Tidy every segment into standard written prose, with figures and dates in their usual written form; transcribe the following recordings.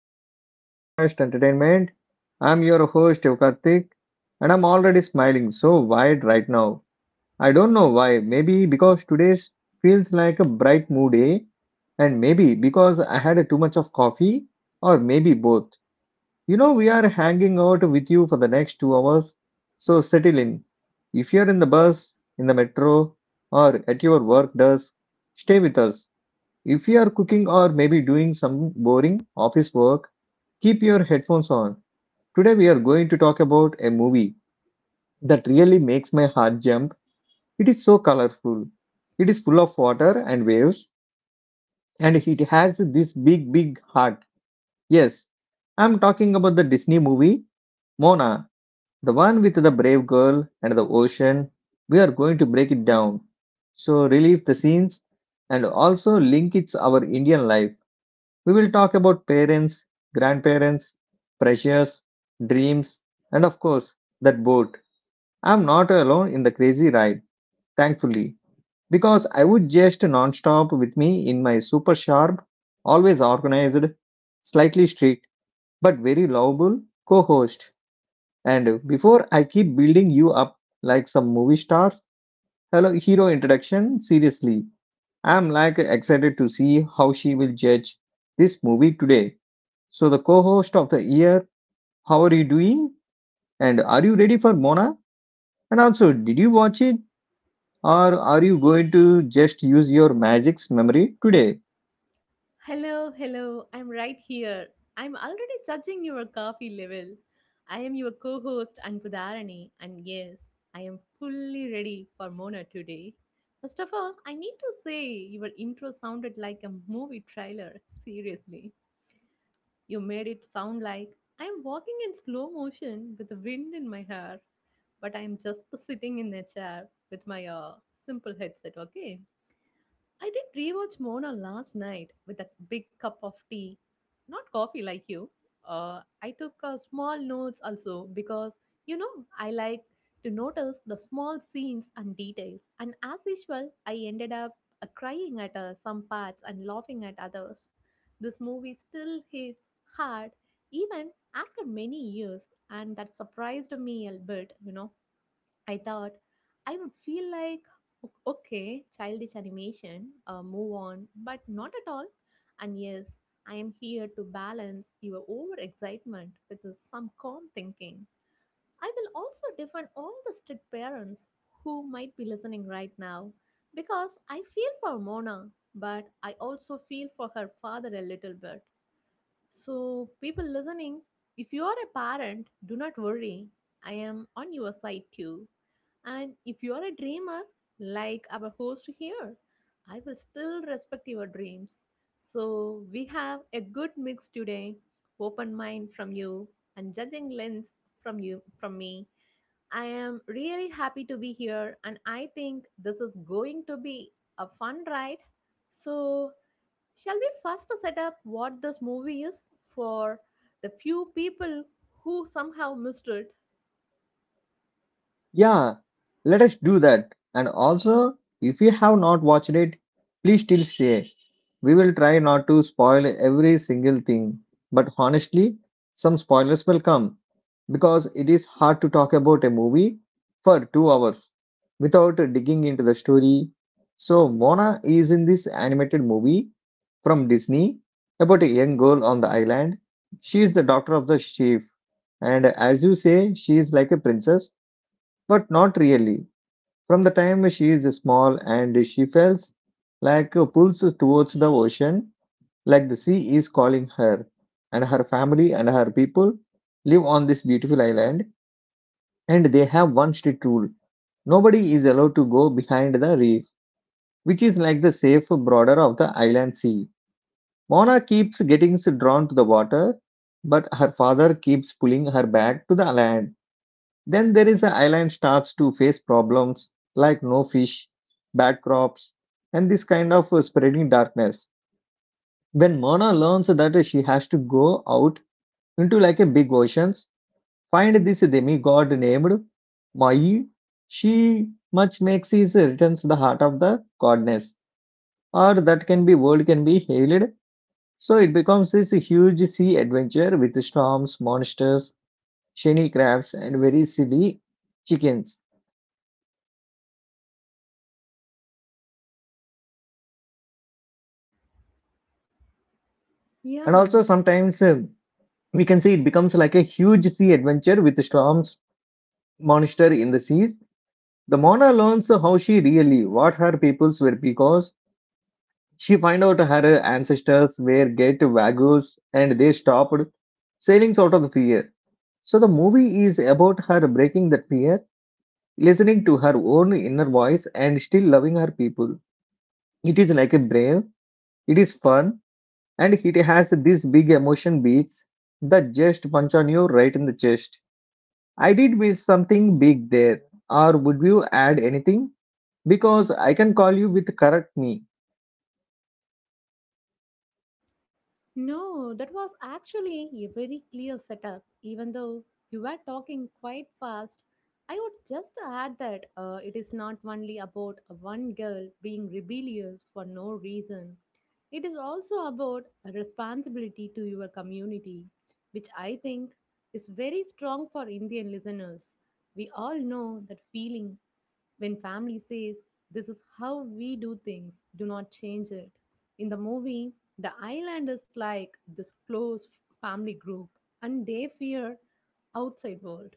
episode of our podcast Entertainment. I'm your host Yukartik and I'm already smiling so wide right now. I don't know why, maybe because today feels like a bright mood day and maybe because I had too much of coffee or maybe both. You know we are hanging out with you for the next 2 hours, so settle in. If you're in the bus, in the metro or at your work desk, stay with us if you are cooking or maybe doing some boring office work, keep your headphones on. Today we are going to talk about a movie that really makes my heart jump. It is so colorful. It is full of water and waves and it has this big big heart. Yes, I'm talking about the Disney movie Mona, the one with the brave girl and the ocean. We are going to break it down. So relive the scenes and also link it to our Indian life. We will talk about parents, grandparents, pressures, dreams, and of course, that boat. I'm not alone in the crazy ride, thankfully, because I would just non-stop with me in my super sharp, always organized, slightly strict, but very lovable co-host. And before I keep building you up like some movie stars, hello hero introduction, seriously. I'm like excited to see how she will judge this movie today. So, the co host of the year, how are you doing? And are you ready for Mona? And also, did you watch it? Or are you going to just use your magic's memory today? Hello, hello, I'm right here. I'm already judging your coffee level. I am your co host Anpudarani, and yes, I am fully ready for Mona today. First of all, I need to say your intro sounded like a movie trailer. Seriously, you made it sound like I'm walking in slow motion with the wind in my hair, but I'm just sitting in a chair with my simple headset, okay? I did rewatch Mona last night with a big cup of tea. Not coffee like you. I took small notes also because, I like to notice the small scenes and details. And as usual, I ended up crying at some parts and laughing at others. This movie still hits hard even after many years, and that surprised me a bit, I thought I would feel like, Okay, childish animation, move on," but not at all. And yes, I am here to balance your overexcitement with some calm thinking. I will also defend all the strict parents who might be listening right now because I feel for Mona, but I also feel for her father a little bit. So, people listening, if you are a parent, do not worry. I am on your side too. And if you are a dreamer, like our host here, I will still respect your dreams. So, we have a good mix today: open mind from you and judging lens from me. I am really happy to be here, and I think this is going to be a fun ride. So, shall we first set up what this movie is for the few people who somehow missed it? Yeah, let us do that. And also, if you have not watched it, please still stay. We will try not to spoil every single thing, but honestly, some spoilers will come, because it is hard to talk about a movie for 2 hours without digging into the story. So, Mona is in this animated movie from Disney about a young girl on the island. She is the daughter of the chief, and as you say, she is like a princess, but not really. From the time she is small and she feels like pulls towards the ocean, like the sea is calling her, and her family and her people live on this beautiful island and they have one strict rule, nobody is allowed to go behind the reef, which is like the safe border of the island sea. Mona keeps getting drawn to the water, but her father keeps pulling her back to the land. Then there is the island starts to face problems like no fish, bad crops, and this kind of spreading darkness. When Mona learns that she has to go out into like a big oceans. Find this demigod named Mai. She much makes his returns the heart of the goddess, or that can be world can be hailed. So it becomes this huge sea adventure with storms, monsters, shiny crabs, and very silly chickens. And Yeah, also sometimes we can see it becomes like a huge sea adventure with storms, monster in the seas. The Mona learns how she really, what her peoples were because she find out her ancestors were get wagyus and they stopped sailing out of the fear. So the movie is about her breaking that fear, listening to her own inner voice and still loving her people. It is like a brave, it is fun, and it has these big emotion beats that just punch on you right in the chest. I did miss something big there, or would you add anything? Because I can call you with correct me. no, that was actually a very clear setup. Even though you were talking quite fast, I would just add that it is not only about one girl being rebellious for no reason. It is also about a responsibility to your community, which I think is very strong for Indian listeners. We all know that feeling when family says, "This is how we do things, do not change it." In the movie, the island is like this close family group, and they fear outside world.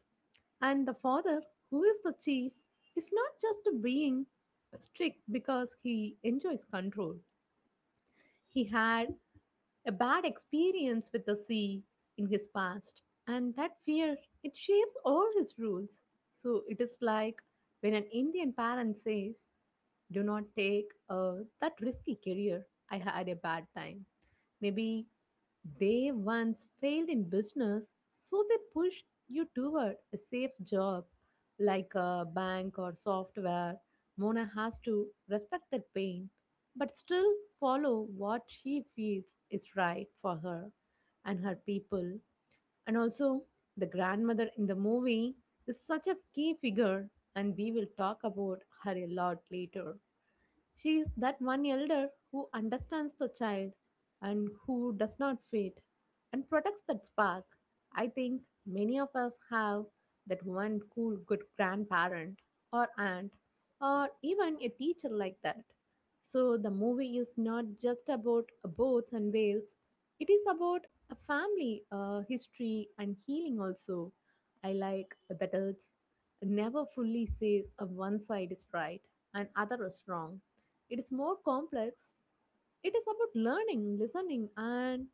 And the father, who is the chief, is not just being strict because he enjoys control. He had a bad experience with the sea in his past, and that fear, it shapes all his rules. So it is like when an Indian parent says, "Do not take that risky career. I had a bad time." Maybe they once failed in business, so they pushed you toward a safe job like a bank or software. Mona has to respect that pain, but still follow what she feels is right for her and her people. And also, the grandmother in the movie is such a key figure, and we will talk about her a lot later. She is that one elder who understands the child, and who does not fade and protects that spark. I think many of us have that one cool, good grandparent or aunt or even a teacher like that. So the movie is not just about boats and waves, it is about a family, history, and healing also. I like that it's never fully says one side is right and other is wrong, it is more complex. It is about learning, listening, and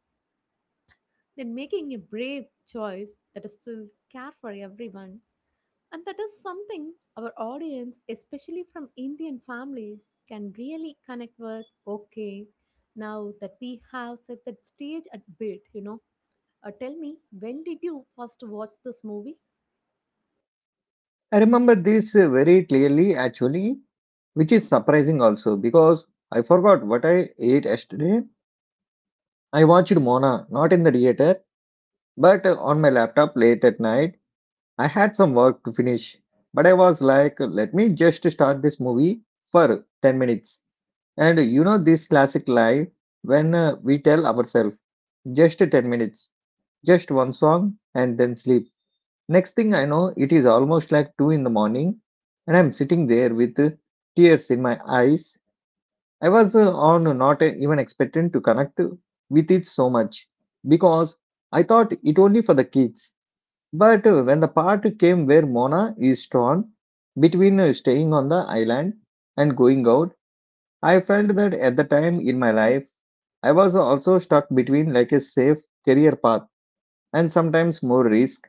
then making a brave choice that is still care for everyone. And that is something our audience, especially from Indian families, can really connect with. Okay, now that we have set the stage a bit, tell me, when did you first watch this movie? I remember this very clearly actually, which is surprising also because I forgot what I ate yesterday. I watched Mona not in the theater but on my laptop late at night. I had some work to finish, but I was like, let me just start this movie for 10 minutes. And you know, this classic lie when we tell ourselves just 10 minutes, just one song, and then sleep. Next thing I know, it is almost like 2 in the morning, and I'm sitting there with tears in my eyes. I was on not even expecting to connect with it so much because I thought it only for the kids. But when the part came where Mona is torn between staying on the island and going out, I felt that at the time in my life, I was also stuck between like a safe career path and sometimes more risk.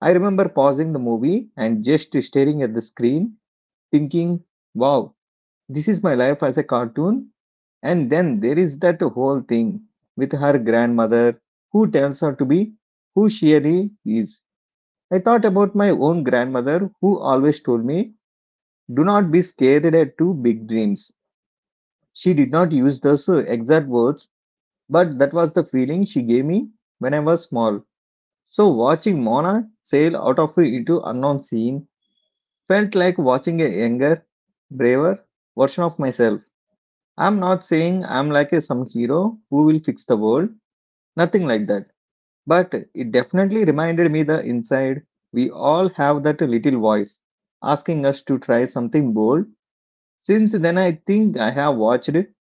I remember pausing the movie and just staring at the screen, thinking, wow, this is my life as a cartoon. And then there is that whole thing with her grandmother who tells her to be who she really is. I thought about my own grandmother who always told me, do not be scared at too big dreams. She did not use those exact words, but that was the feeling she gave me when I was small. So watching Mona sail out of into unknown scene felt like watching a younger, braver version of myself. I'm not saying I'm like a, some hero who will fix the world, nothing like that. But it definitely reminded me the inside we all have that little voice asking us to try something bold. Since then, I think I have watched it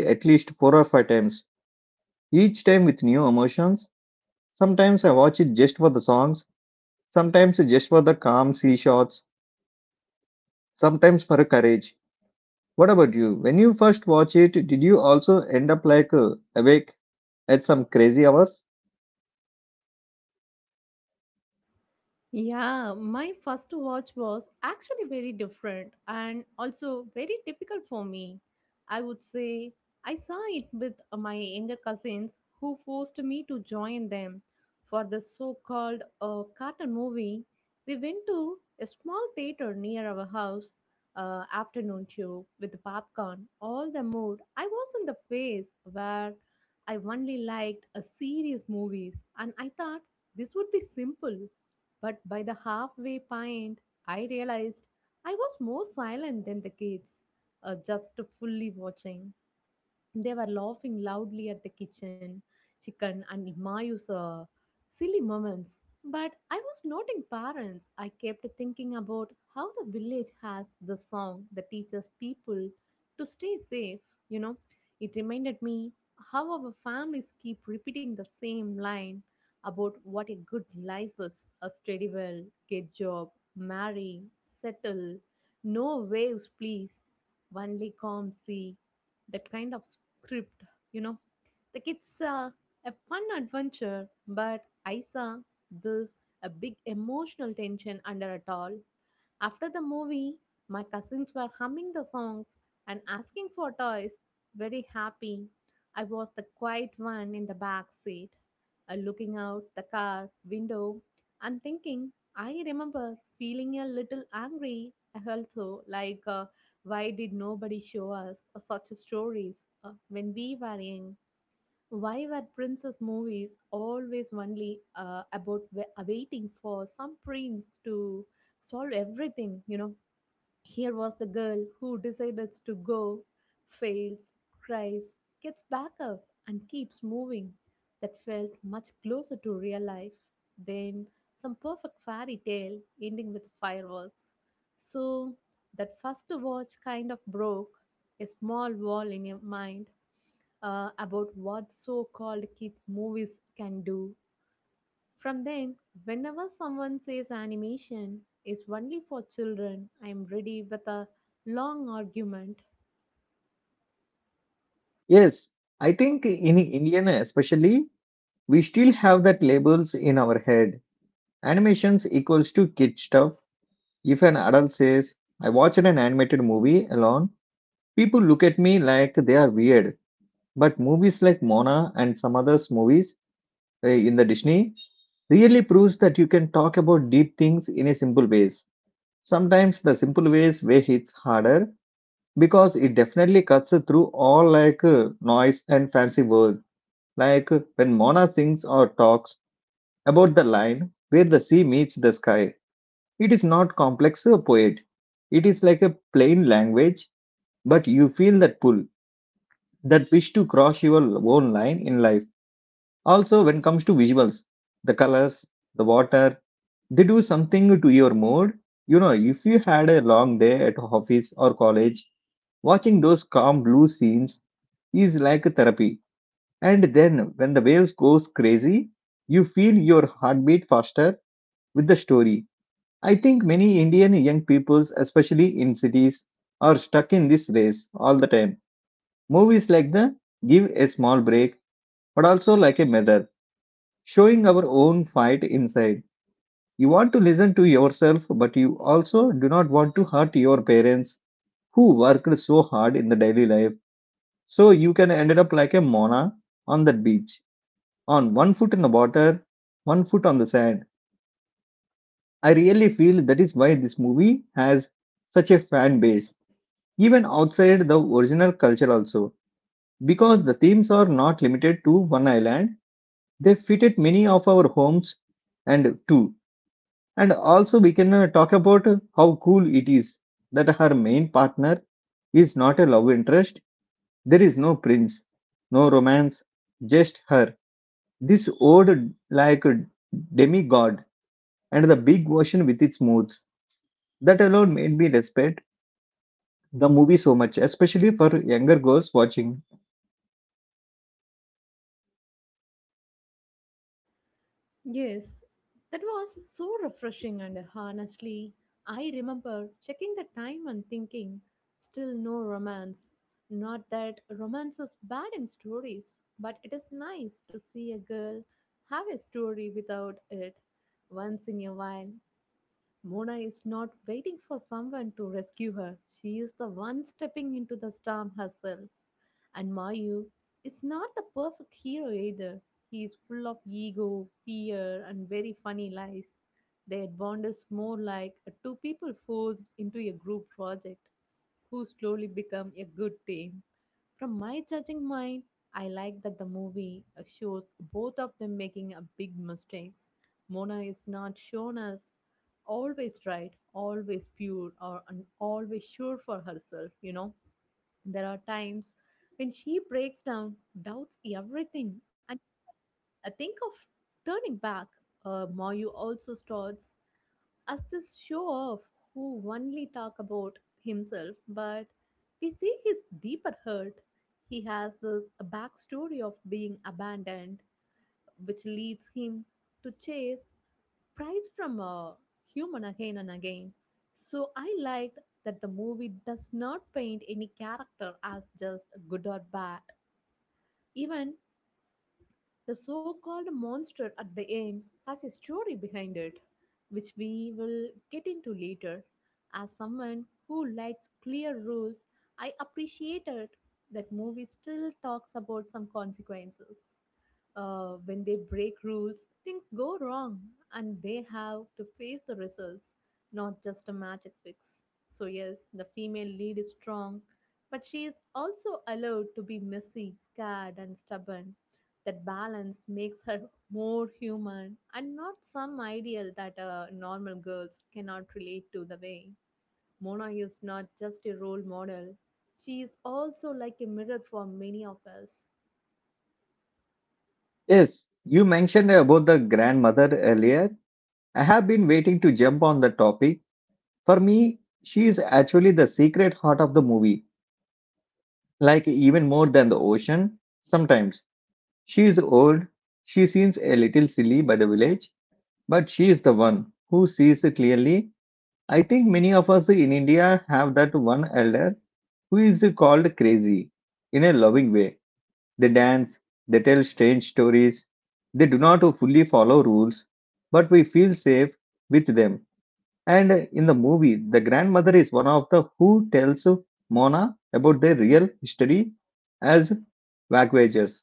at least four or five times, each time with new emotions. Sometimes I watch it just for the songs, sometimes just for the calm sea shots, sometimes for courage. What about you? When you first watch it, did you also end up like awake at some crazy hours? Yeah, my first watch was actually very different and also very typical for me. I would say I saw it with my younger cousins who forced me to join them for the so called cartoon movie. We went to a small theater near our house, afternoon show with popcorn. All the mood, I was in the phase where I only liked a serious movies and I thought this would be simple, but by the halfway point, I realized I was more silent than the kids, just fully watching. They were laughing loudly at the kitchen, chicken, and Mayu's silly moments. But I was not in parents. I kept thinking about how the village has the song that teaches people to stay safe. You know, it reminded me how our families keep repeating the same line about what a good life is: a steady well, get job, marry, settle, no waves, please, only calm sea. That kind of crypt, you know. The it's a fun adventure, but I saw this a big emotional tension under it all. After the movie, my cousins were humming the songs and asking for toys, very happy. I was the quiet one in the back seat, looking out the car window and thinking, I remember feeling a little angry also, like why did nobody show us such stories when we were young? Why were princess movies always only about waiting for some prince to solve everything? You know, here was the girl who decides to go, fails, cries, gets back up, and keeps moving. That felt much closer to real life than some perfect fairy tale ending with fireworks. So, that first watch kind of broke a small wall in your mind about what so called kids' movies can do. From then, whenever someone says animation is only for children, I am ready with a long argument. Yes, I think in Indian especially, we still have that labels in our head. Animations equals to kid stuff. If an adult says, I watched an animated movie alone, people look at me like they are weird. But movies like Mona and some others movies in the Disney really proves that you can talk about deep things in a simple ways. Sometimes the simple ways way hits harder because it definitely cuts through all like noise and fancy words. Like when Mona sings or talks about the line where the sea meets the sky, it is not complex poet. It is like a plain language, but you feel that pull, that wish to cross your own line in life. Also, when it comes to visuals, the colors, the water, they do something to your mood. You know if you had a long day at office or college, watching those calm blue scenes is like therapy, and then when the waves goes crazy you feel your heartbeat faster with the story. I think many Indian young peoples especially in cities are stuck in this race all the time. Movies like the give a small break but also like a mirror showing our own fight inside. You want to listen to yourself, but you also do not want to hurt your parents who worked so hard in the daily life. So you can end up like a Mona on that beach, on one foot in the water, one foot on the sand. I really feel that is why this movie has such a fan base, even outside the original culture also. Because the themes are not limited to one island, they fitted many of our homes and too. And also, we can talk about how cool it is that her main partner is not a love interest. There is no prince, no romance, just her. This old, like demigod and the big ocean with its moods. That alone made me respect the movie so much, especially for younger girls watching. Yes, that was so refreshing, and honestly, I remember checking the time and thinking, still no romance. Not that romance is bad in stories, but it is nice to see a girl have a story without it once in a while. Mona is not waiting for someone to rescue her. She is the one stepping into the storm herself. And Mayu is not the perfect hero either. He is full of ego, fear, and very funny lies. Their bond is more like two people forced into a group project who slowly become a good team. From my judging mind, I like that the movie shows both of them making a big mistakes. Mona is not shown as always right, always pure, or and always sure for herself. You know, there are times when she breaks down, doubts everything, and I think of turning back. Mayu also starts as this show off who only talk about himself, but we see his deeper hurt. He has this backstory of being abandoned, which leads him to chase prize from a human again and again. So I liked that the movie does not paint any character as just good or bad. Even the so called monster at the end has a story behind it, which we will get into later. As someone who likes clear rules, I appreciated that movie still talks about some consequences. When they break rules, things go wrong and they have to face the results, not just a magic fix. So, yes, the female lead is strong, but she is also allowed to be messy, scared, and stubborn. That balance makes her more human and not some ideal that normal girls cannot relate to the way. Mona is not just a role model, she is also like a mirror for many of us. Yes, you mentioned about the grandmother earlier. I have been waiting to jump on the topic. For me, she is actually the secret heart of the movie like even more than the ocean. Sometimes she is old, she seems a little silly by the village, but she is the one who sees clearly. I think many of us in India have that one elder who is called crazy in a loving way. They dance, they tell strange stories, they do not fully follow rules, but we feel safe with them. And in the movie, the grandmother is one of the who tells Mona about their real history as wagwagers.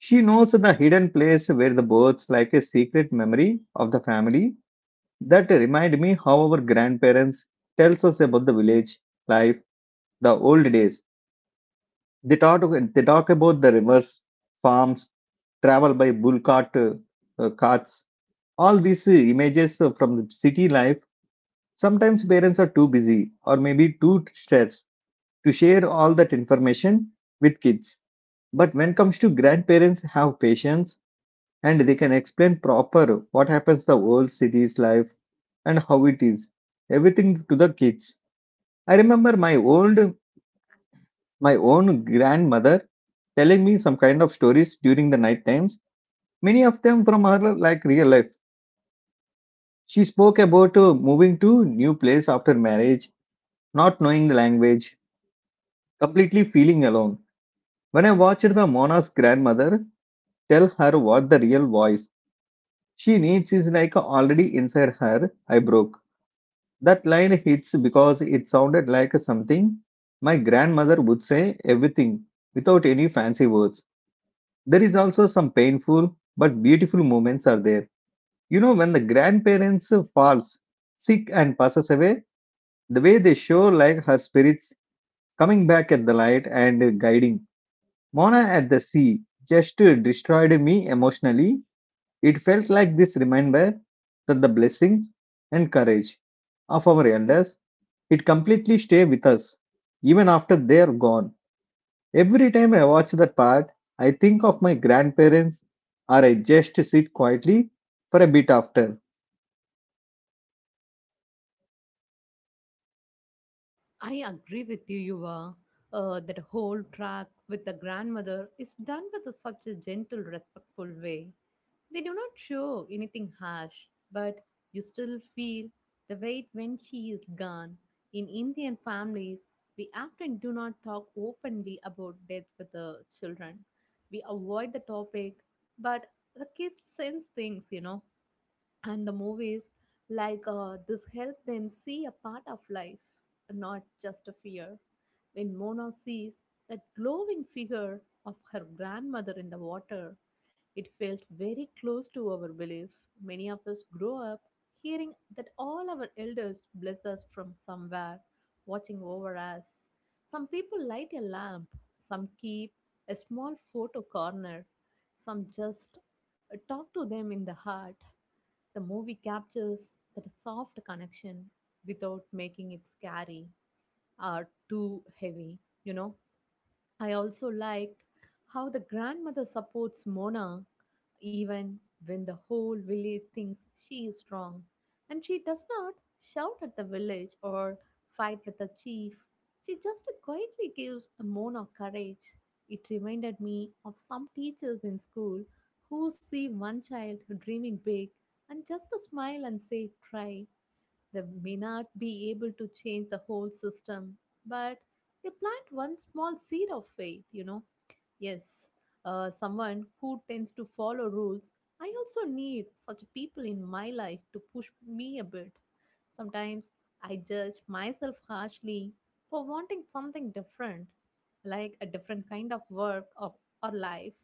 She knows the hidden place where the birds like a secret memory of the family that remind me how our grandparents tells us about the village life, the old days. They talk, they talk about the rivers, farms, travel by bull cart, carts. All these images from the city life. Sometimes parents are too busy or maybe too stressed to share all that information with kids. But when it comes to grandparents have patience and they can explain proper what happens the old city's life and how it is everything to the kids. I remember my own grandmother telling me some kind of stories during the night times, many of them from her like real life. She spoke about moving to new place after marriage, not knowing the language, completely feeling alone. When I watched the Mona's grandmother tell her what the real voice she needs is like already inside her, I broke. That line hits because it sounded like something my grandmother would say, everything without any fancy words. There is also some painful but beautiful moments are there. You know, when the grandparents falls sick and passes away, the way they show like her spirits coming back at the light and guiding Mona at the Sea just destroyed me emotionally. It felt like this reminder that the blessings and courage of our elders, it completely stay with us even after they are gone. Every time I watch that part, I think of my grandparents or I just sit quietly for a bit after. I agree with you, Yuva. That whole track with the grandmother is done with a such a gentle, respectful way. They do not show anything harsh, but you still feel the weight when she is gone. In Indian families, we often do not talk openly about death with the children. We avoid the topic, but the kids sense things, and the movies like this help them see a part of life, not just a fear. When Mona sees that glowing figure of her grandmother in the water, it felt very close to our belief. Many of us grow up hearing that all our elders bless us from somewhere, watching over us. Some people light a lamp, some keep a small photo corner, some just talk to them in the heart. The movie captures that soft connection without making it scary or too heavy, you know. I also liked how the grandmother supports Mona even when the whole village thinks she is strong, and she does not shout at the village or fight with the chief, she just quietly gives a moan of courage. It reminded me of some teachers in school who see one child dreaming big and just a smile and say, "Try." They may not be able to change the whole system, but they plant one small seed of faith, you know. Yes, someone who tends to follow rules. I also need such people in my life to push me a bit. Sometimes I judge myself harshly for wanting something different, like a different kind of work or life.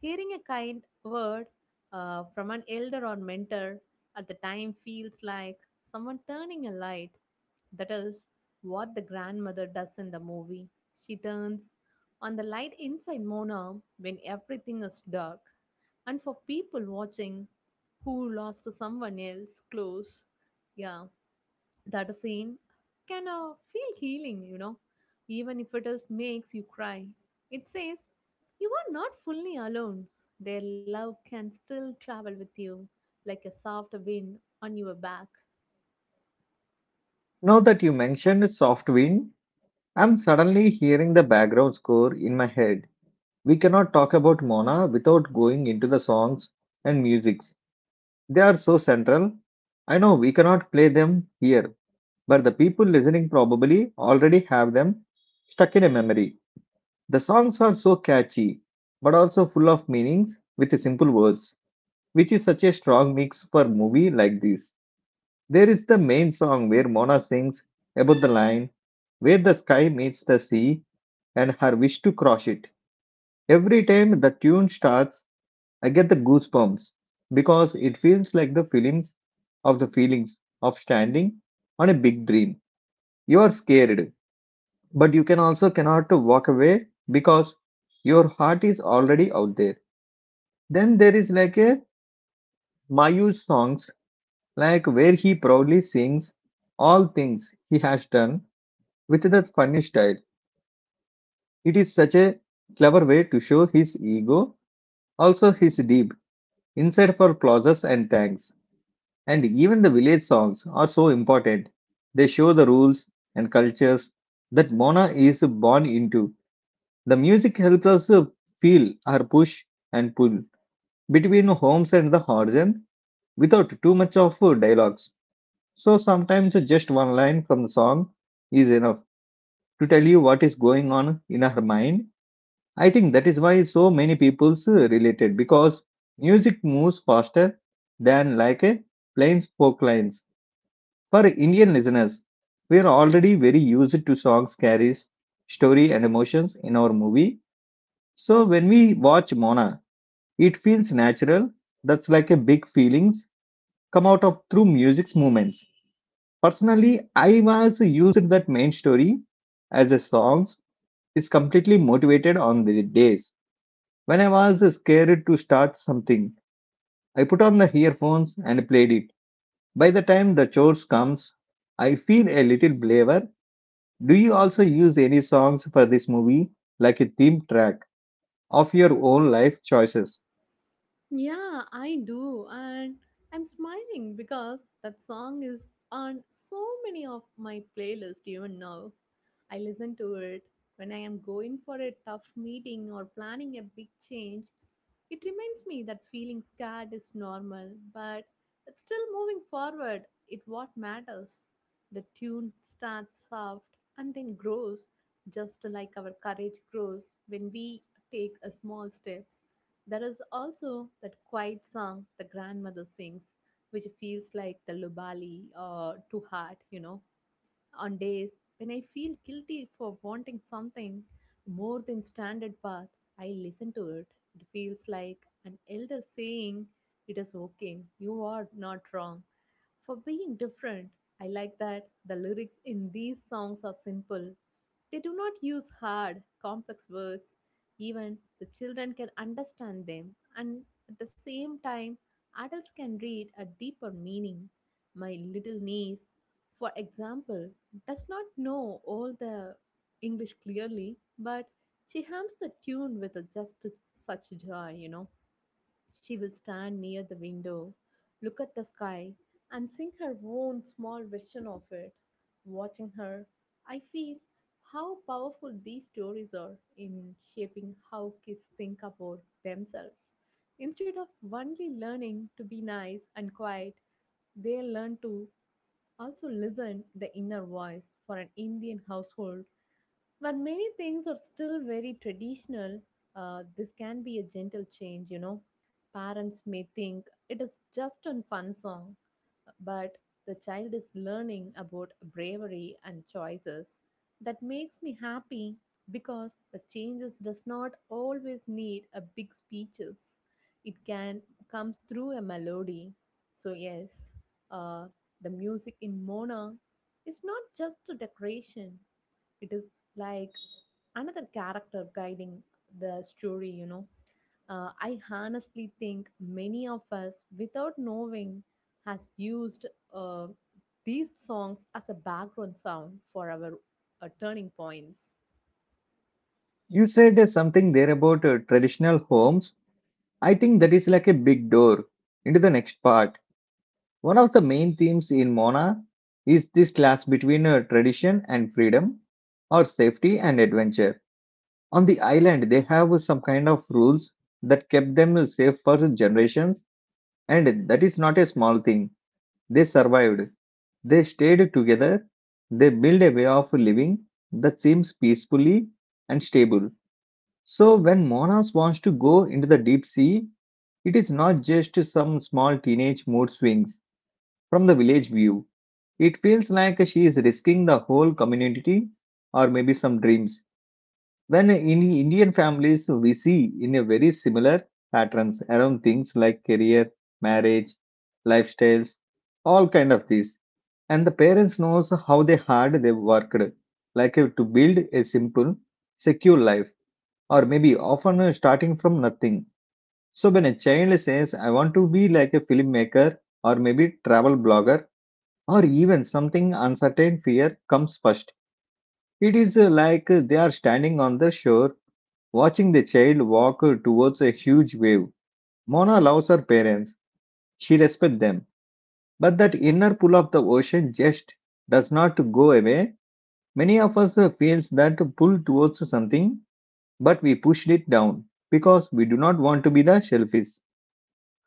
Hearing a kind word from an elder or mentor at the time feels like someone turning a light. That is what the grandmother does in the movie. She turns on the light inside Mona when everything is dark. And for people watching who lost someone else close, yeah, that scene can feel healing, even if it is makes you cry. It says, "You are not fully alone. Their love can still travel with you like a soft wind on your back." Now that you mentioned Soft Wind, I'm suddenly hearing the background score in my head. We cannot talk about Mona without going into the songs and music. They are so central. I know we cannot play them here, but the people listening probably already have them stuck in a memory. The songs are so catchy, but also full of meanings with simple words, which is such a strong mix for a movie like this. There is the main song where Mona sings about the line where the sky meets the sea and her wish to cross it. Every time the tune starts, I get the goosebumps because it feels like the feelings of standing on a big dream. You are scared, but you can also cannot to walk away because your heart is already out there. Then there is like a Mayu's songs, like where he proudly sings all things he has done with that funny style. It is such a clever way to show his ego, also his deep inside for clauses and thanks. And even the village songs are so important. They show the rules and cultures that Mona is born into. The music helps us feel her push and pull between homes and the horizon without too much of dialogues. So sometimes just one line from the song is enough to tell you what is going on in her mind. I think that is why so many people's related, because music moves faster than like a plain spoke lines. For Indian listeners, we are already very used to songs carries story and emotions in our movie. So when we watch Mona, it feels natural. That's like a big feelings come out of through music's movements. Personally, I was used that main story as a songs is completely motivated on the days when I was scared to start something. I put on the earphones and played it. By the time the chores comes, I feel a little braver. Do you also use any songs for this movie, like a theme track of your own life choices? Yeah, I do. And I'm smiling because that song is on so many of my playlists even now. I listen to it when I am going for a tough meeting or planning a big change. It reminds me that feeling scared is normal, but it's still moving forward. It what matters. The tune starts soft and then grows, just like our courage grows when we take a small steps. There is also that quiet song the grandmother sings, which feels like the lubali to heart. On days when I feel guilty for wanting something more than standard path, I listen to it. It feels like an elder saying, "It is okay, you are not wrong." For being different, I like that the lyrics in these songs are simple. They do not use hard, complex words. Even the children can understand them, and at the same time, adults can read a deeper meaning. My little niece, for example, does not know all the English clearly, but she hums the tune with a such joy. She will stand near the window, look at the sky, and sing her own small version of it. Watching her, I feel how powerful these stories are in shaping how kids think about themselves. Instead of only learning to be nice and quiet, they learn to also, listen the inner voice for an Indian household where many things are still very traditional. This can be a gentle change. Parents may think it is just a fun song, but the child is learning about bravery and choices. That makes me happy because the changes does not always need a big speeches. It can comes through a melody. So yes, uh, the music in Mona is not just a decoration. It is like another character guiding the story. I honestly think many of us, without knowing, has used uh, these songs as a background sound for our turning points. You said something there about traditional homes. I think that is like a big door into the next part. One of the main themes in Mona is this clash between tradition and freedom, or safety and adventure. On the island, they have some kind of rules that kept them safe for generations, and that is not a small thing. They survived. They stayed together. They built a way of living that seems peacefully and stable. So, when Monas wants to go into the deep sea, it is not just some small teenage mood swings from the village view. It feels like she is risking the whole community or maybe some dreams. When in Indian families, we see in a very similar patterns around things like career, marriage, lifestyles, all kind of these. And the parents knows how they hard they worked, like to build a simple, secure life, or maybe often starting from nothing. So when a child says, "I want to be like a filmmaker, or maybe travel blogger, or even something uncertain," fear comes first. It is like they are standing on the shore, watching the child walk towards a huge wave. Mona loves her parents. She respects them. But that inner pull of the ocean just does not go away. Many of us feels that pull towards something, but we pushed it down because we do not want to be the shellfish.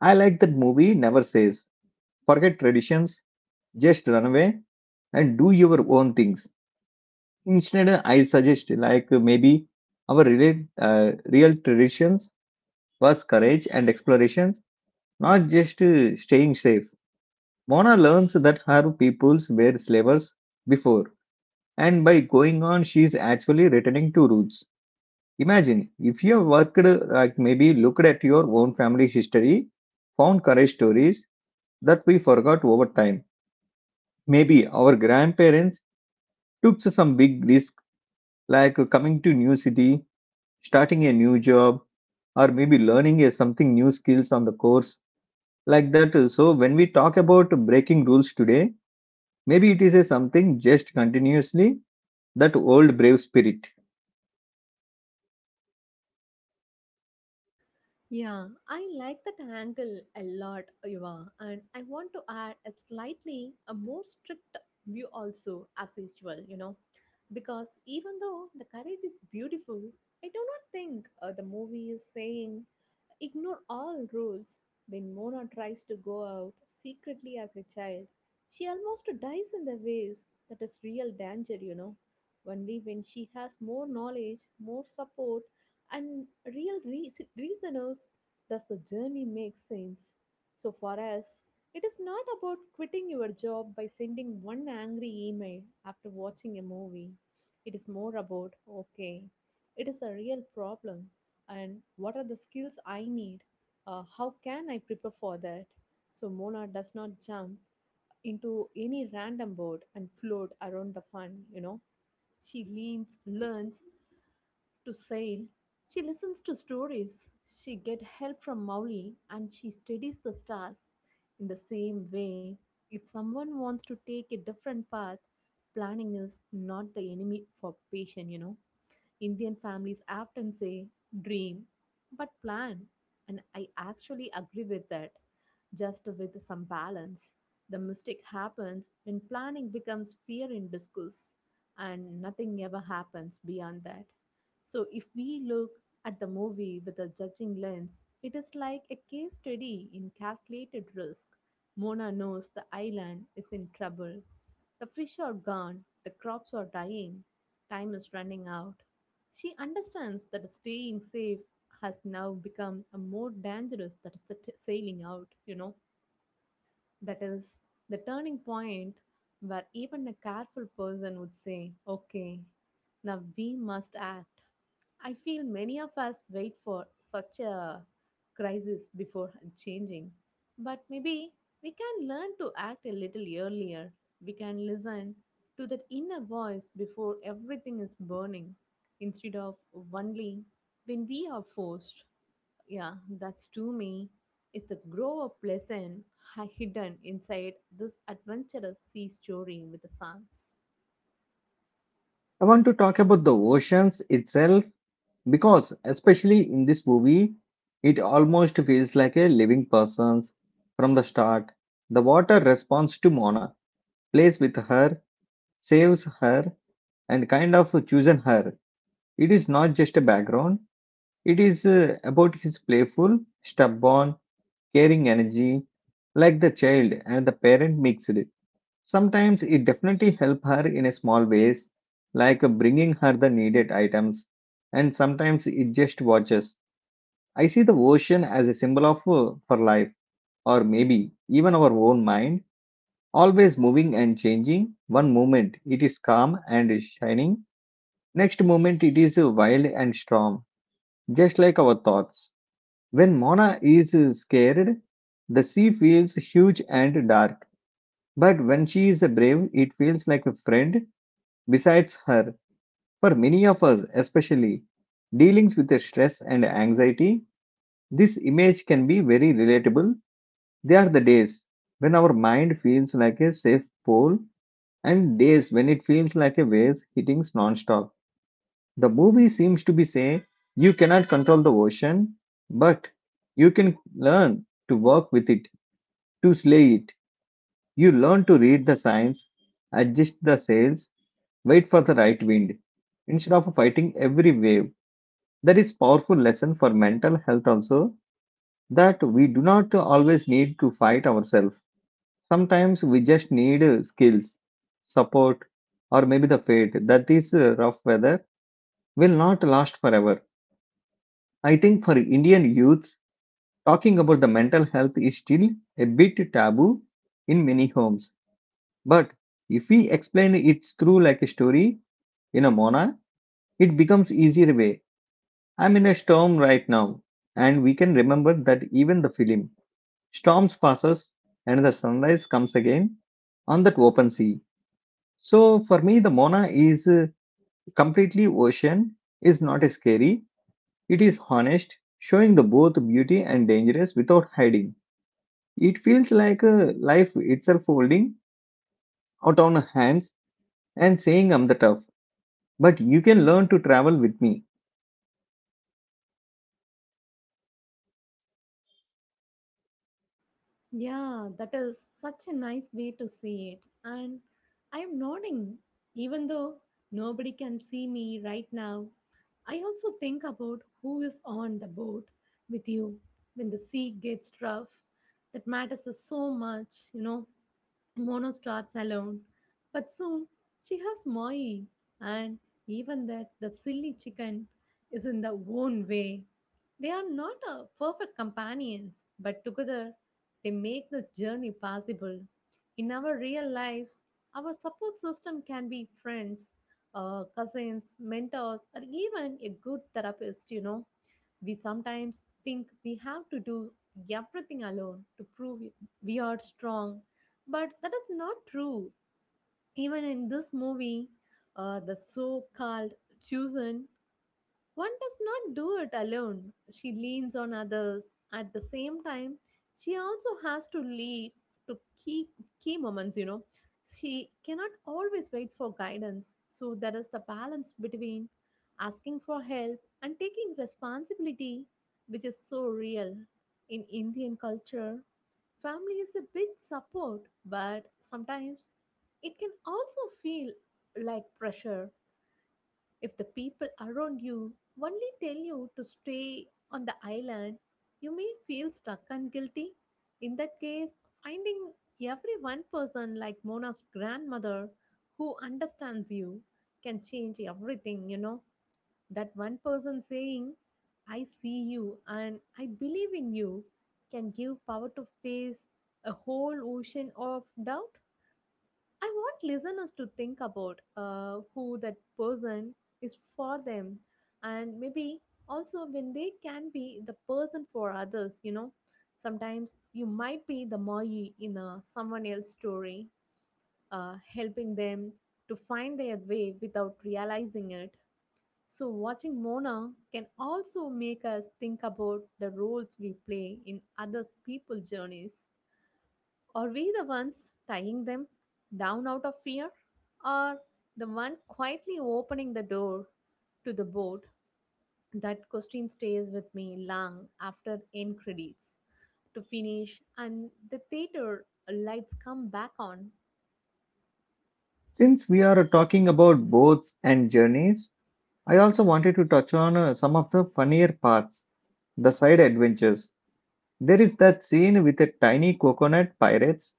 I like that movie never says, forget traditions, just run away and do your own things. Instead, I suggest like maybe our real traditions was courage and explorations. Not just staying safe, Mona learns that her peoples were slavers before, and by going on, she is actually returning to roots. Imagine if you have worked, like maybe looked at your own family history, found courage stories that we forgot over time. Maybe our grandparents took some big risk, like coming to new city, starting a new job, or maybe learning a something new skills on the course like that. So when we talk about breaking rules today, maybe it is a something just continuously that old brave spirit. Yeah, I like that angle a lot, Eva, and I want to add a slightly a more strict view also, as usual, because even though the courage is beautiful, I do not think the movie is saying, "Ignore all rules." When Mona tries to go out secretly as a child, she almost dies in the waves. That is real danger. Only when she has more knowledge, more support, and real reasoners does the journey make sense. So for us, it is not about quitting your job by sending one angry email after watching a movie. It is more about, okay, it is a real problem and what are the skills I need? How can I prepare for that? So Mona does not jump into any random boat and float around the fun. She learns to sail. She listens to stories. She get help from Mauli and she studies the stars. In the same way, if someone wants to take a different path, planning is not the enemy for patient. Indian families often say dream but plan, and I actually agree with that, just with some balance. The mistake happens when planning becomes fear in discourse and nothing ever happens beyond that. So, if we look at the movie with a judging lens, it is like a case study in calculated risk. Mona knows the island is in trouble. The fish are gone, the crops are dying, time is running out. She understands that staying safe has now become a more dangerous than sailing out. That is the turning point where even a careful person would say, okay, now we must act. I feel many of us wait for such a crisis before changing, but maybe we can learn to act a little earlier. We can listen to that inner voice before everything is burning instead of only when we are forced. Yeah, that's to me is the grow up lesson hidden inside this adventurous sea story with the songs. I want to talk about the oceans itself because, especially in this movie, it almost feels like a living person's from the start. The water responds to Mona, plays with her, saves her, and kind of chooses her. It is not just a background, it is about his playful, stubborn, caring energy, like the child and the parent mixed. Sometimes it definitely helped her in a small ways, like bringing her the needed items, and sometimes it just watches. I see the ocean as a symbol of for life, or maybe even our own mind, always moving and changing. One moment it is calm and is shining, next moment it is wild and storm, just like our thoughts. When Mona is scared, the sea feels huge and dark, but when she is brave, it feels like a friend besides her. For many of us, especially dealing with the stress and anxiety, this image can be very relatable. They are the days when our mind feels like a safe pole and days when it feels like a waves hitting non-stop. The movie seems to be saying you cannot control the ocean, but you can learn to work with it, to slay it. You learn to read the signs, adjust the sails, wait for the right wind instead of fighting every wave. That is powerful lesson for mental health also, that we do not always need to fight ourselves. Sometimes we just need skills, support, or maybe the fate that is rough weather will not last forever. I think for Indian youths, talking about the mental health is still a bit taboo in many homes. But if we explain it through like a story in a Mona, it becomes easier way. I'm in a storm right now, and we can remember that even the film storms passes and the sunrise comes again on that open sea. So for me, the mona is completely ocean is not scary, it is honest showing the both beauty and dangerous without hiding. It feels like life itself holding out on hands and saying I'm the tough, but you can learn to travel with me. Yeah, that is such a nice way to see it. And I'm nodding, even though nobody can see me right now. I also think about who is on the boat with you when the sea gets rough. That matters so much. Mono starts alone, but soon she has Moi, and even that the silly chicken is in their own way. They are not perfect companions, but together they make the journey possible. In our real lives, our support system can be friends, cousins, mentors, or even a good therapist. We sometimes think we have to do everything alone to prove we are strong, but that is not true. Even in this movie, the so called chosen one does not do it alone. She leans on others. At the same time, she also has to lead to key moments. She cannot always wait for guidance. So there is the balance between asking for help and taking responsibility, which is so real in Indian culture. Family is a big support, but sometimes it can also feel like pressure if the people around you only tell you to stay on the island. You may feel stuck and guilty. In that case, finding every one person like Mona's grandmother who understands you can change everything. That one person saying, "I see you and I believe in you," can give power to face a whole ocean of doubt. I want listeners to think about who that person is for them and maybe also when they can be the person for others. Sometimes you might be the Moi someone else's story, helping them to find their way without realizing it. So, watching Mona can also make us think about the roles we play in other people's journeys. Are we the ones tying them down out of fear? Or the one quietly opening the door to the boat? That question stays with me long after end credits to finish and the theater lights come back on. Since we are talking about boats and journeys, I also wanted to touch on some of the funnier parts, the side adventures. There is that scene with a tiny coconut pirates,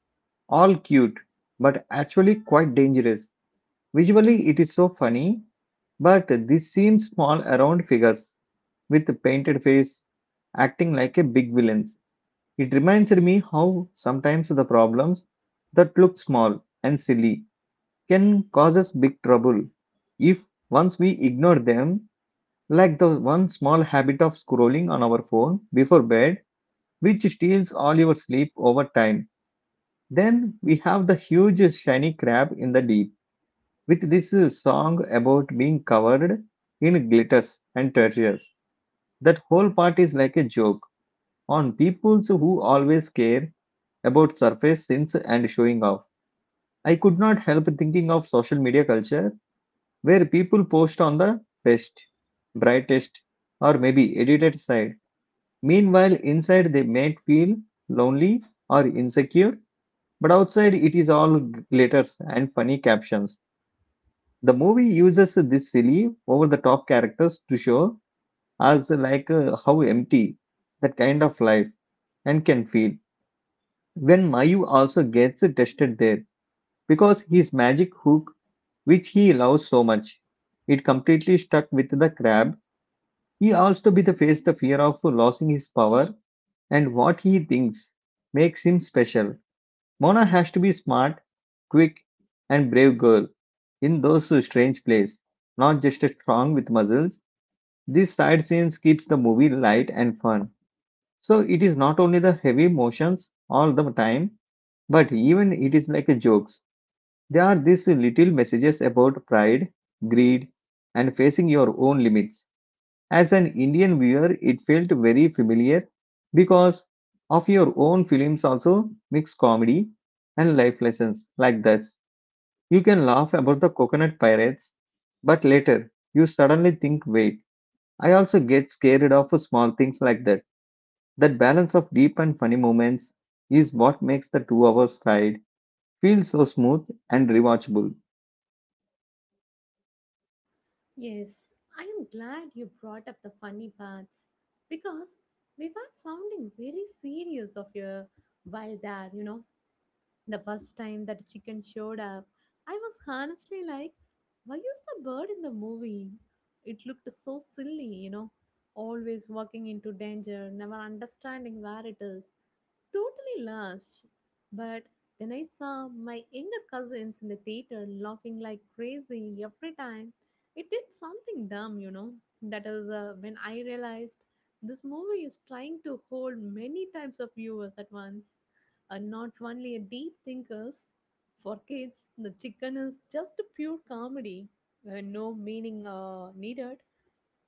all cute, but actually quite dangerous. Visually, it is so funny, but this seems small around figures with a painted face acting like a big villains. It reminds me how sometimes the problems that look small and silly can cause us big trouble if once we ignore them, like the one small habit of scrolling on our phone before bed, which steals all your sleep over time. Then we have the huge shiny crab in the deep, with this song about being covered in glitters and treasures. That whole part is like a joke on people who always care about surface sins and showing off. I could not help thinking of social media culture where people post on the best, brightest, or maybe edited side. Meanwhile, inside they might feel lonely or insecure, but outside it is all glitters and funny captions. The movie uses this silly over the top characters to show us how empty that kind of life and can feel when Mayu also gets tested there because his magic hook, which he loves so much, it completely stuck with the crab. He also be the face the fear of losing his power and what he thinks makes him special. Mona has to be smart, quick, and brave girl in those strange plays, not just a strong with muscles. These side scenes keeps the movie light and fun. So it is not only the heavy motions all the time, but even it is like a jokes. There are these little messages about pride, greed, and facing your own limits. As an Indian viewer, it felt very familiar because of your own films also mix comedy and life lessons like that. You can laugh about the coconut pirates, but later you suddenly think, wait, I also get scared of small things like that. That balance of deep and funny moments is what makes the 2 hours ride feel so smooth and rewatchable. Yes, I am glad you brought up the funny parts because we were sounding very serious of your while there. The first time that chicken showed up, I was honestly like, why is the bird in the movie? It looked so silly, always walking into danger, never understanding where it is totally lost. But then I saw my younger cousins in the theater laughing like crazy every time. It did something dumb. That is when I realized this movie is trying to hold many types of viewers at once. Not only a deep thinkers, for kids, the chicken is just a pure comedy. No meaning needed,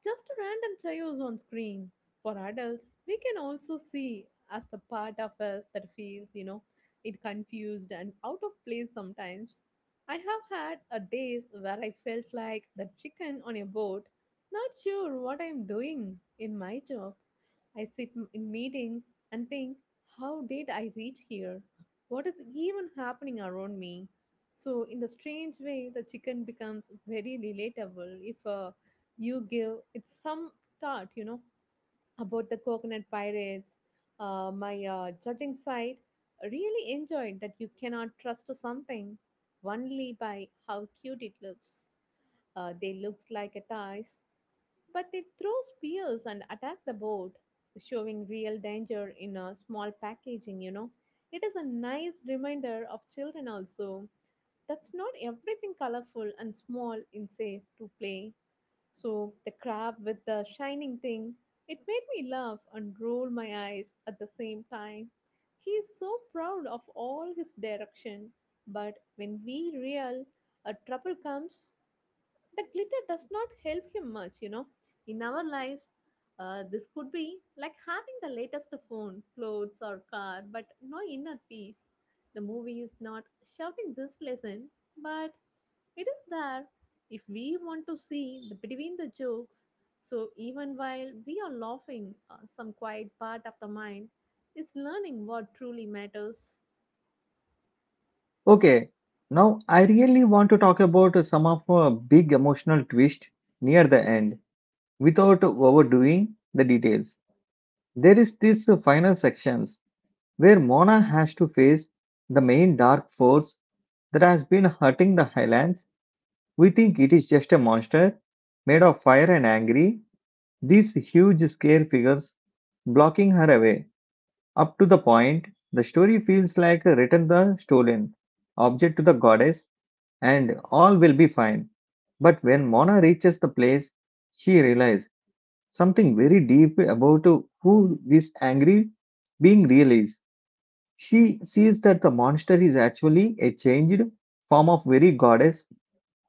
just a random chaos on screen. For adults, we can also see as the part of us that feels, it confused and out of place sometimes. I have had a days where I felt like the chicken on a boat, not sure what I'm doing in my job. I sit in meetings and think, how did I reach here? What is even happening around me? So, in the strange way, the chicken becomes very relatable if you give it some thought, about the coconut pirates. My judging side really enjoyed that you cannot trust something only by how cute it looks. They looks like a dice, but they throw spears and attack the boat, showing real danger in a small packaging. It is a nice reminder of children also. That's not everything colorful and small in safe to play. So the crab with the shining thing, it made me laugh and roll my eyes at the same time. He is so proud of all his direction, but when we real a trouble comes, the glitter does not help him much. In our lives, this could be like having the latest phone, clothes, or car, but no inner peace. The movie is not shouting this lesson, but it is there if we want to see the between the jokes. So even while we are laughing, some quiet part of the mind is learning what truly matters. Okay, now I really want to talk about some of a big emotional twist near the end without overdoing the details. There is this final sections where Mona has to face the main dark force that has been hurting the Highlands. We think it is just a monster made of fire and angry. These huge scare figures blocking her away. Up to the point, the story feels like a return the stolen object to the goddess and all will be fine. But when Mona reaches the place, she realizes something very deep about who this angry being really is. She sees that the monster is actually a changed form of very goddess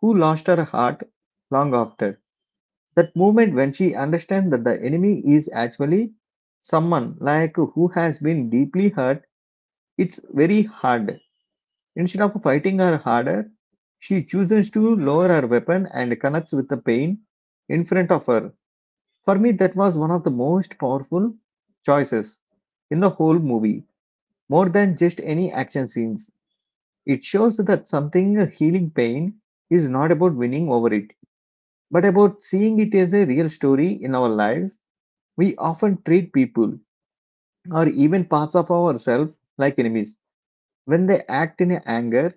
who lost her heart long after. That moment when she understands that the enemy is actually someone like who has been deeply hurt, it's very hard. Instead of fighting her harder, she chooses to lower her weapon and connects with the pain in front of her. For me, that was one of the most powerful choices in the whole movie, more than just any action scenes. It shows that something healing pain is not about winning over it, but about seeing it as a real story in our lives. We often treat people or even parts of ourselves like enemies. When they act in anger,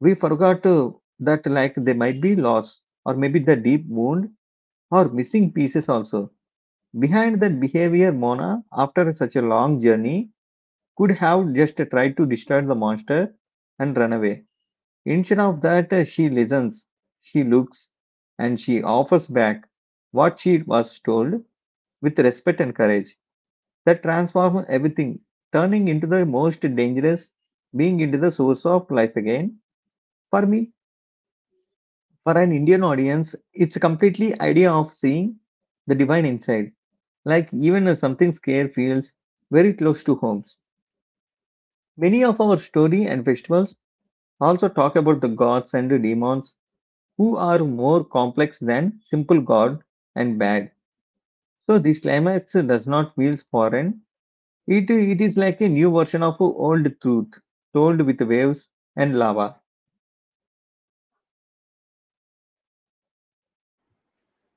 we forgot to, that like they might be lost or maybe the deep wound or missing pieces also. Behind that behavior, Mona, after such a long journey, could have just tried to destroy the monster and run away. Instead of that, she listens, she looks, and she offers back what she was told with respect and courage. That transforms everything, turning into the most dangerous being into the source of life again. For me, for an Indian audience, it's completely idea of seeing the divine inside. Like even if something scare feels very close to homes. Many of our story and festivals also talk about the gods and the demons who are more complex than simple good and bad. So this climax does not feel foreign. It is like a new version of old truth told with waves and lava.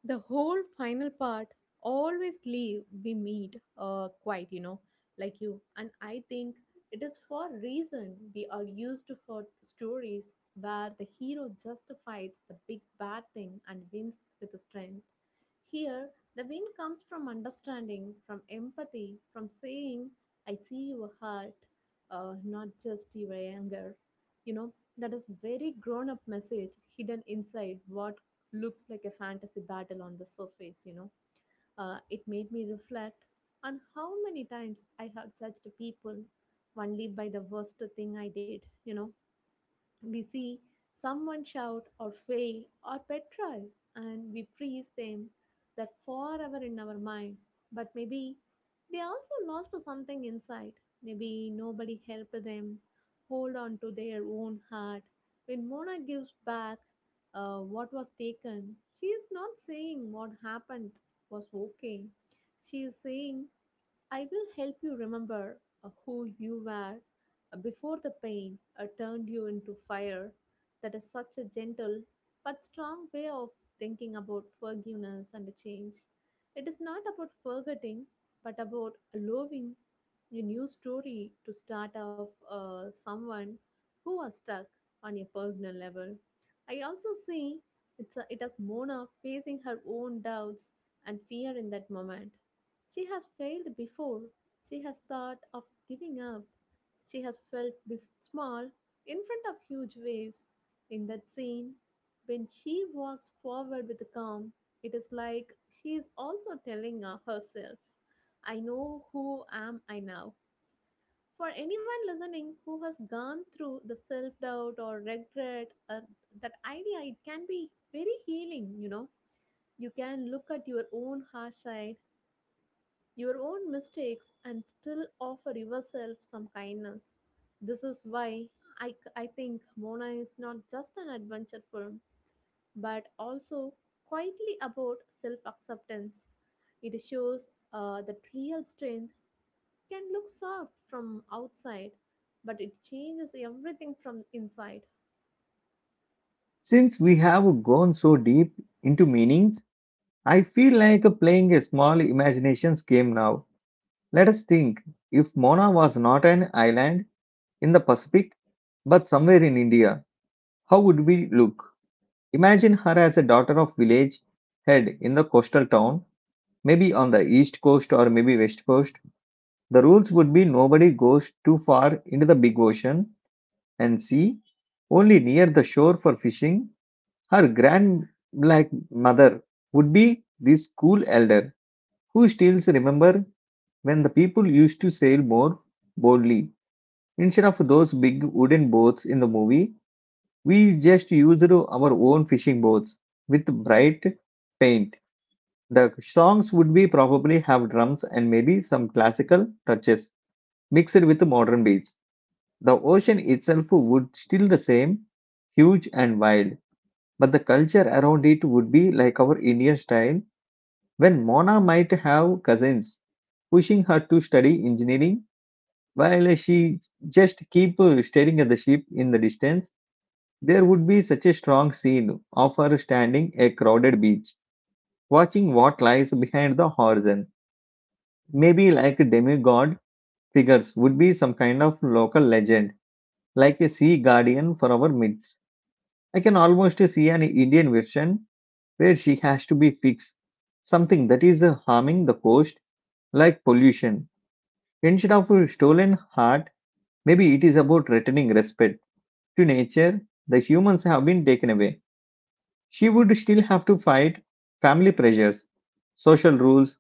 The whole final part always leave we meet quite like you and I think it is for reason we are used to for stories where the hero just fights the big bad thing and wins with the strength. Here the win comes from understanding, from empathy, from saying I see your heart, not just your anger. you know that is very grown up message hidden inside what looks like a fantasy battle on the surface, It made me reflect on how many times I have judged people only by the worst thing I did. We see someone shout or fail or petrified, and we freeze them that forever in our mind. But maybe they also lost something inside. Maybe nobody helped them hold on to their own heart. When Mona gives back what was taken, she is not saying what happened was okay. She is saying I will help you remember who you were before the pain turned you into fire. That is such a gentle but strong way of thinking about forgiveness and change. It is not about forgetting, but about allowing a new story to start off someone who was stuck on a personal level. I also see it as Mona facing her own doubts and fear in that moment she has failed before. She has thought of giving up. She has felt small in front of huge waves. In that scene, when she walks forward with calm, it is like she is also telling herself, I know who am I now. For anyone listening who has gone through the self doubt or regret, that idea, it can be very healing. You can look at your own harsh side, your own mistakes and still offer yourself some kindness. This is why I think Mona is not just an adventure film, but also quietly about self acceptance. It shows that real strength can look soft from outside, but it changes everything from inside. Since we have gone so deep into meanings, I feel like playing a small imaginations game now. Let us think if Mona was not an island, in the Pacific, but somewhere in India. How would we look? Imagine her as a daughter of village head in the coastal town, maybe on the east coast or maybe west coast. The rules would be nobody goes too far into the big ocean and sea, only near the shore for fishing. Her grand black mother would be this cool elder who still remember when the people used to sail more boldly instead of those big wooden boats in the movie. We just used our own fishing boats with bright paint. The songs would be probably have drums and maybe some classical touches mixed with modern beats. The ocean itself would still the same, huge and wild, but the culture around it would be like our Indian style when Mona might have cousins pushing her to study engineering while she just keep staring at the ship in the distance. There would be such a strong scene of her standing a crowded beach, watching what lies behind the horizon. Maybe like demigod figures would be some kind of local legend, like a sea guardian for our myths. I can almost see an Indian version where she has to be fixed, something that is harming the coast, like pollution. Instead of a stolen heart, maybe it is about returning respect to nature the humans have been taken away. She would still have to fight family pressures, social rules,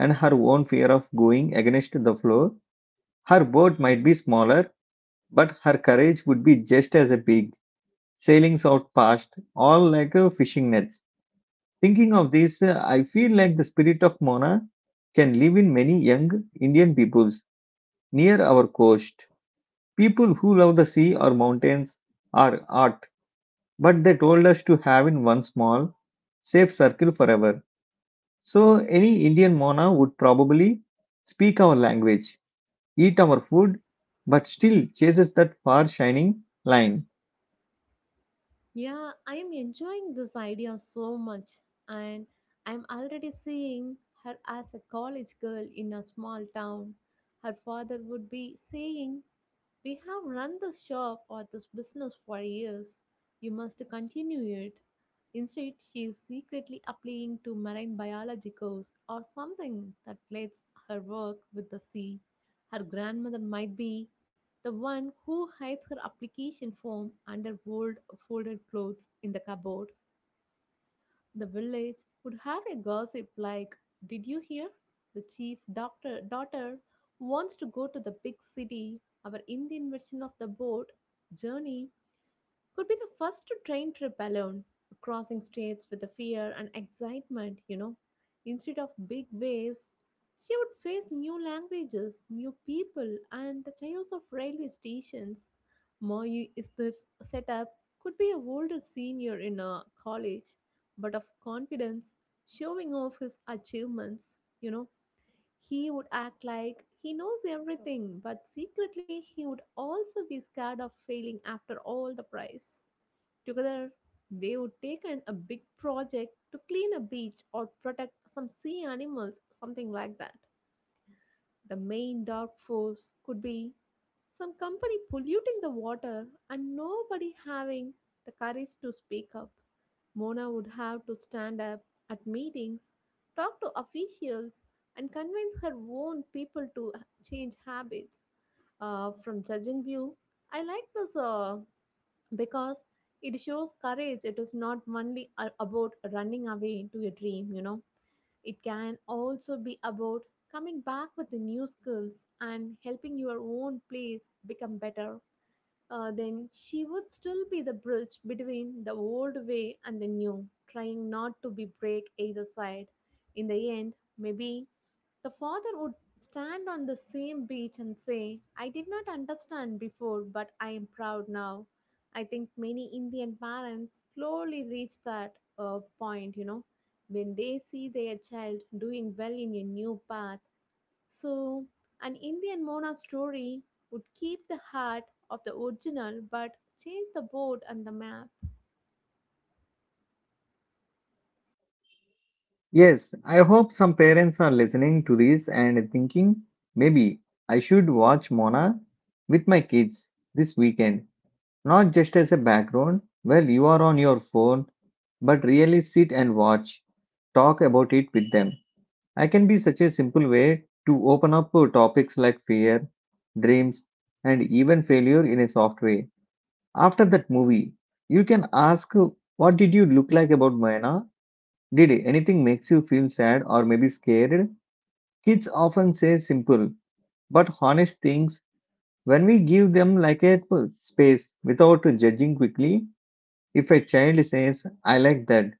and her own fear of going against the flow. Her boat might be smaller, but her courage would be just as big, sailing out past, all like fishing nets. Thinking of this, I feel like the spirit of Mona can live in many young Indian peoples near our coast. People who love the sea or mountains or art, but they told us to have in one small, safe circle forever. So, any Indian Mona would probably speak our language, eat our food, but still chases that far shining line. Yeah, I am enjoying this idea so much, and I'm already seeing her as a college girl in a small town. Her father would be saying we have run this shop or this business for years. You must continue it. Instead, she is secretly applying to marine biology course or something that relates her work with the sea. Her grandmother might be the one who hides her application form under old folded clothes in the cupboard. The village would have a gossip like, did you hear? The chief doctor daughter wants to go to the big city. Our Indian version of the boat journey could be the first train trip alone, crossing states with the fear and excitement. Instead of big waves, she would face new languages, new people, and the chaos of railway stations. Moi is this setup could be a older senior in a college, but of confidence, showing off his achievements, he would act like he knows everything, but secretly he would also be scared of failing after all the price. Together, they would take on a big project to clean a beach or protect some sea animals, something like that. The main dark force could be some company polluting the water and nobody having the courage to speak up. Mona would have to stand up at meetings, talk to officials, and convince her own people to change habits. From judging view, I like this because it shows courage. It is not only about running away to a dream. It can also be about coming back with the new skills and helping your own place become better. Then she would still be the bridge between the old way and the new, trying not to be break either side. In the end, maybe the father would stand on the same beach and say, I did not understand before, but I am proud now. I think many Indian parents slowly reach that point, when they see their child doing well in a new path. So, an Indian Mona story would keep the heart of the original but change the board and the map. Yes, I hope some parents are listening to this and thinking maybe I should watch Mona with my kids this weekend, not just as a background while you are on your phone, but really sit and watch, talk about it with them. I can be such a simple way to open up topics like fear, dreams, and even failure in a soft way. After that movie, you can ask, what did you look like about Mayana? Did anything makes you feel sad or maybe scared? Kids often say simple but honest things when we give them like a space without judging quickly. If a child says, I like that,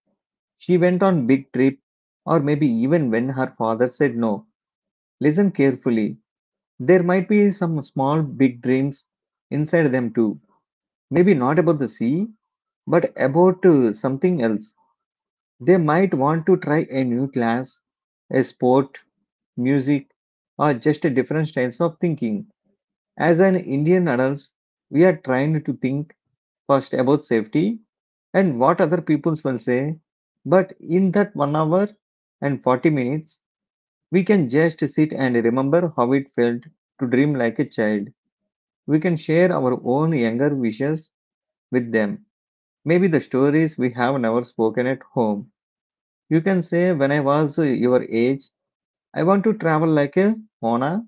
she went on big trip, or maybe even when her father said no, listen carefully. There might be some small big dreams inside them too. Maybe not about the sea, but about something else. They might want to try a new class, a sport, music, or just a different styles of thinking. As an Indian adults, we are trained to think first about safety and what other people will say. But in that 1 hour and 40 minutes, we can just sit and remember how it felt to dream like a child. We can share our own younger wishes with them. Maybe the stories we have never spoken at home. You can say, when I was your age, I want to travel like a Mona,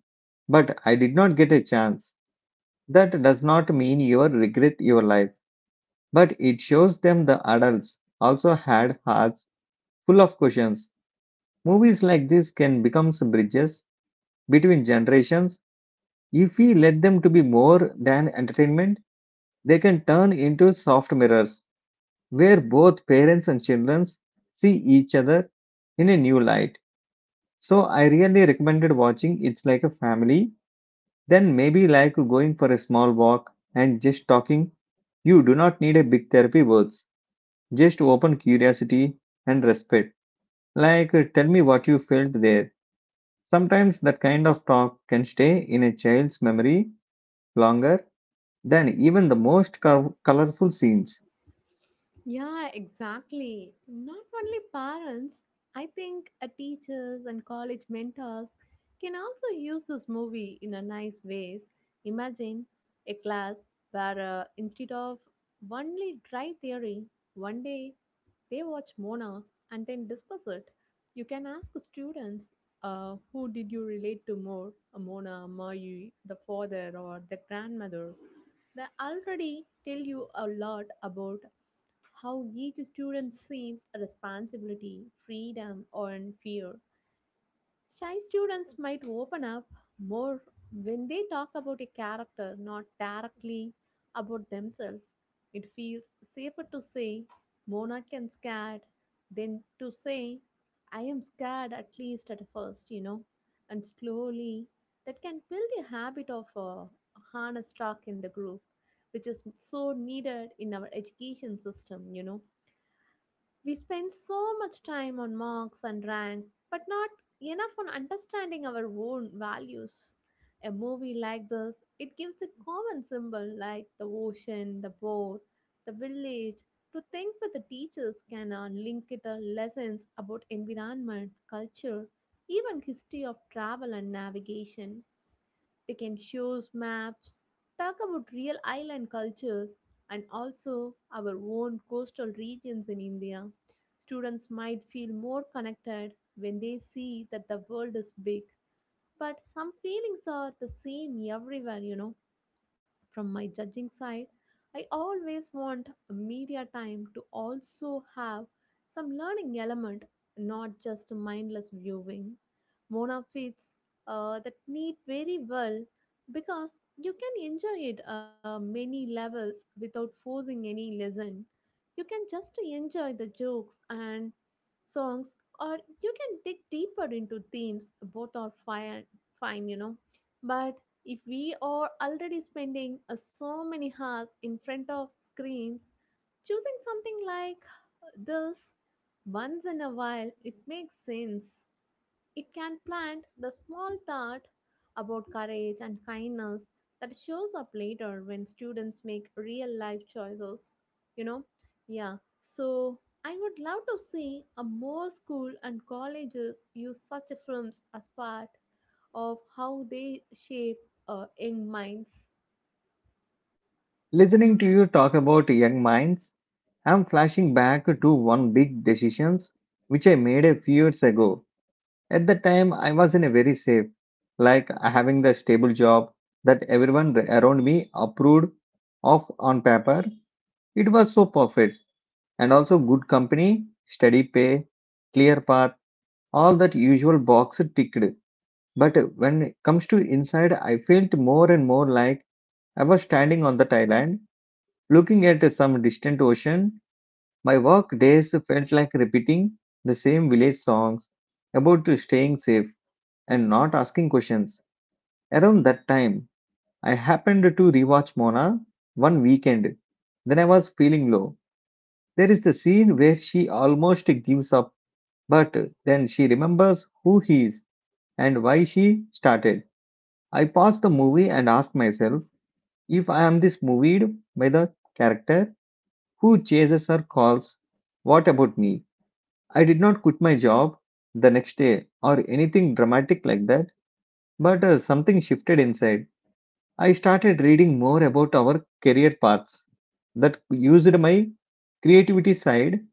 but I did not get a chance. That does not mean you are regret your life, but it shows them the adults also had hearts full of questions. Movies like this can become some bridges between generations. If we let them to be more than entertainment, they can turn into soft mirrors where both parents and children see each other in a new light. So I really recommended watching It's Like a Family, then maybe like going for a small walk and just talking. You do not need a big therapy words, just open curiosity and respect. Like, tell me what you felt there. Sometimes that kind of talk can stay in a child's memory longer than even the most colorful scenes. Yeah, exactly. Not only parents, I think teachers and college mentors can also use this movie in a nice ways. Imagine a class where instead of only dry theory, one day they watch Mona and then discuss it. You can ask students, who did you relate to more, Mona, Mayu, the father, or the grandmother? They already tell you a lot about how each student sees a responsibility, freedom, and fear. Shy students might open up more when they talk about a character, not directly about themselves. It feels safer to say, Monarch and scared, than to say, I am scared at least at first. And slowly, that can build a habit of honest talk in the group, which is so needed in our education system. We spend so much time on marks and ranks, but not enough on understanding our own values. A movie like this, it gives a common symbol like the ocean, the boat, the village to think that the teachers can link it to lessons about environment, culture, even history of travel and navigation. They can show us maps, talk about real island cultures, and also our own coastal regions in India. Students might feel more connected when they see that the world is big, but some feelings are the same everywhere. From my judging side, I always want media time to also have some learning element, not just mindless viewing. Mona fits that need very well because you can enjoy it many levels without forcing any lesson. You can just enjoy the jokes and songs, or you can dig deeper into themes. Both are fine. But if we are already spending so many hours in front of screens, choosing something like this once in a while, it makes sense. It can plant the small thought about courage and kindness that shows up later when students make real life choices. You know, yeah. So I would love to see a more school and colleges use such films as part of how they shape young minds. Listening to you talk about young minds, I'm flashing back to one big decisions which I made a few years ago. At the time, I was in a very safe, like having the stable job that everyone around me approved of on paper. It was so perfect and also good company, steady pay, clear path, all that usual box ticked. But when it comes to inside, I felt more and more like I was standing on the Thailand. Looking at some distant ocean, my work days felt like repeating the same village songs about staying safe and not asking questions. Around that time, I happened to rewatch Mona one weekend. Then I was feeling low. There is the scene where she almost gives up, but then she remembers who he is and why she started. I paused the movie and asked myself if I am this moved by the character who chases or calls, what about me? I did not quit my job the next day or anything dramatic like that, but something shifted inside. I started reading more about our career paths that used my creativity side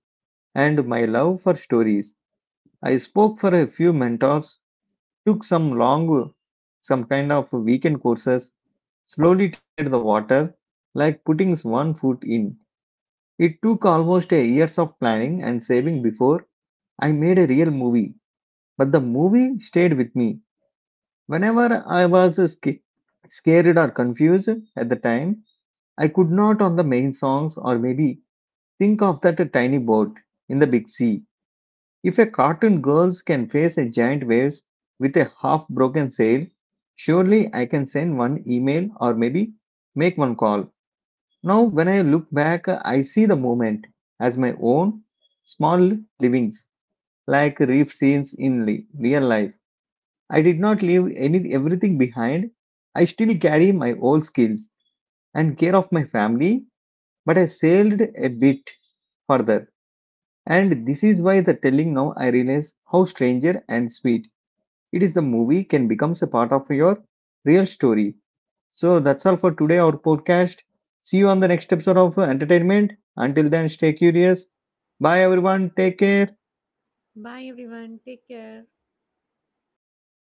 and my love for stories. I spoke for a few mentors, took some long, some kind of weekend courses, slowly tested the water, like putting one foot in. It took almost a years of planning and saving before I made a real movie, but the movie stayed with me. Whenever I was scared or confused at the time, I could not on the main songs or maybe think of that tiny boat in the big sea. If a cartoon girls can face a giant waves with a half broken sail, surely I can send one email or maybe make one call. Now, when I look back, I see the moment as my own small livings, like reef scenes in real life. I did not leave any everything behind. I still carry my old skills and care of my family, but I sailed a bit further. And this is why the telling now I realize how stranger and sweet it is. The movie can becomes a part of your real story. So that's all for today, our podcast. See you on the next episode of Entertainment. Until then, stay curious. Bye, everyone. Take care. Bye everyone. Take care.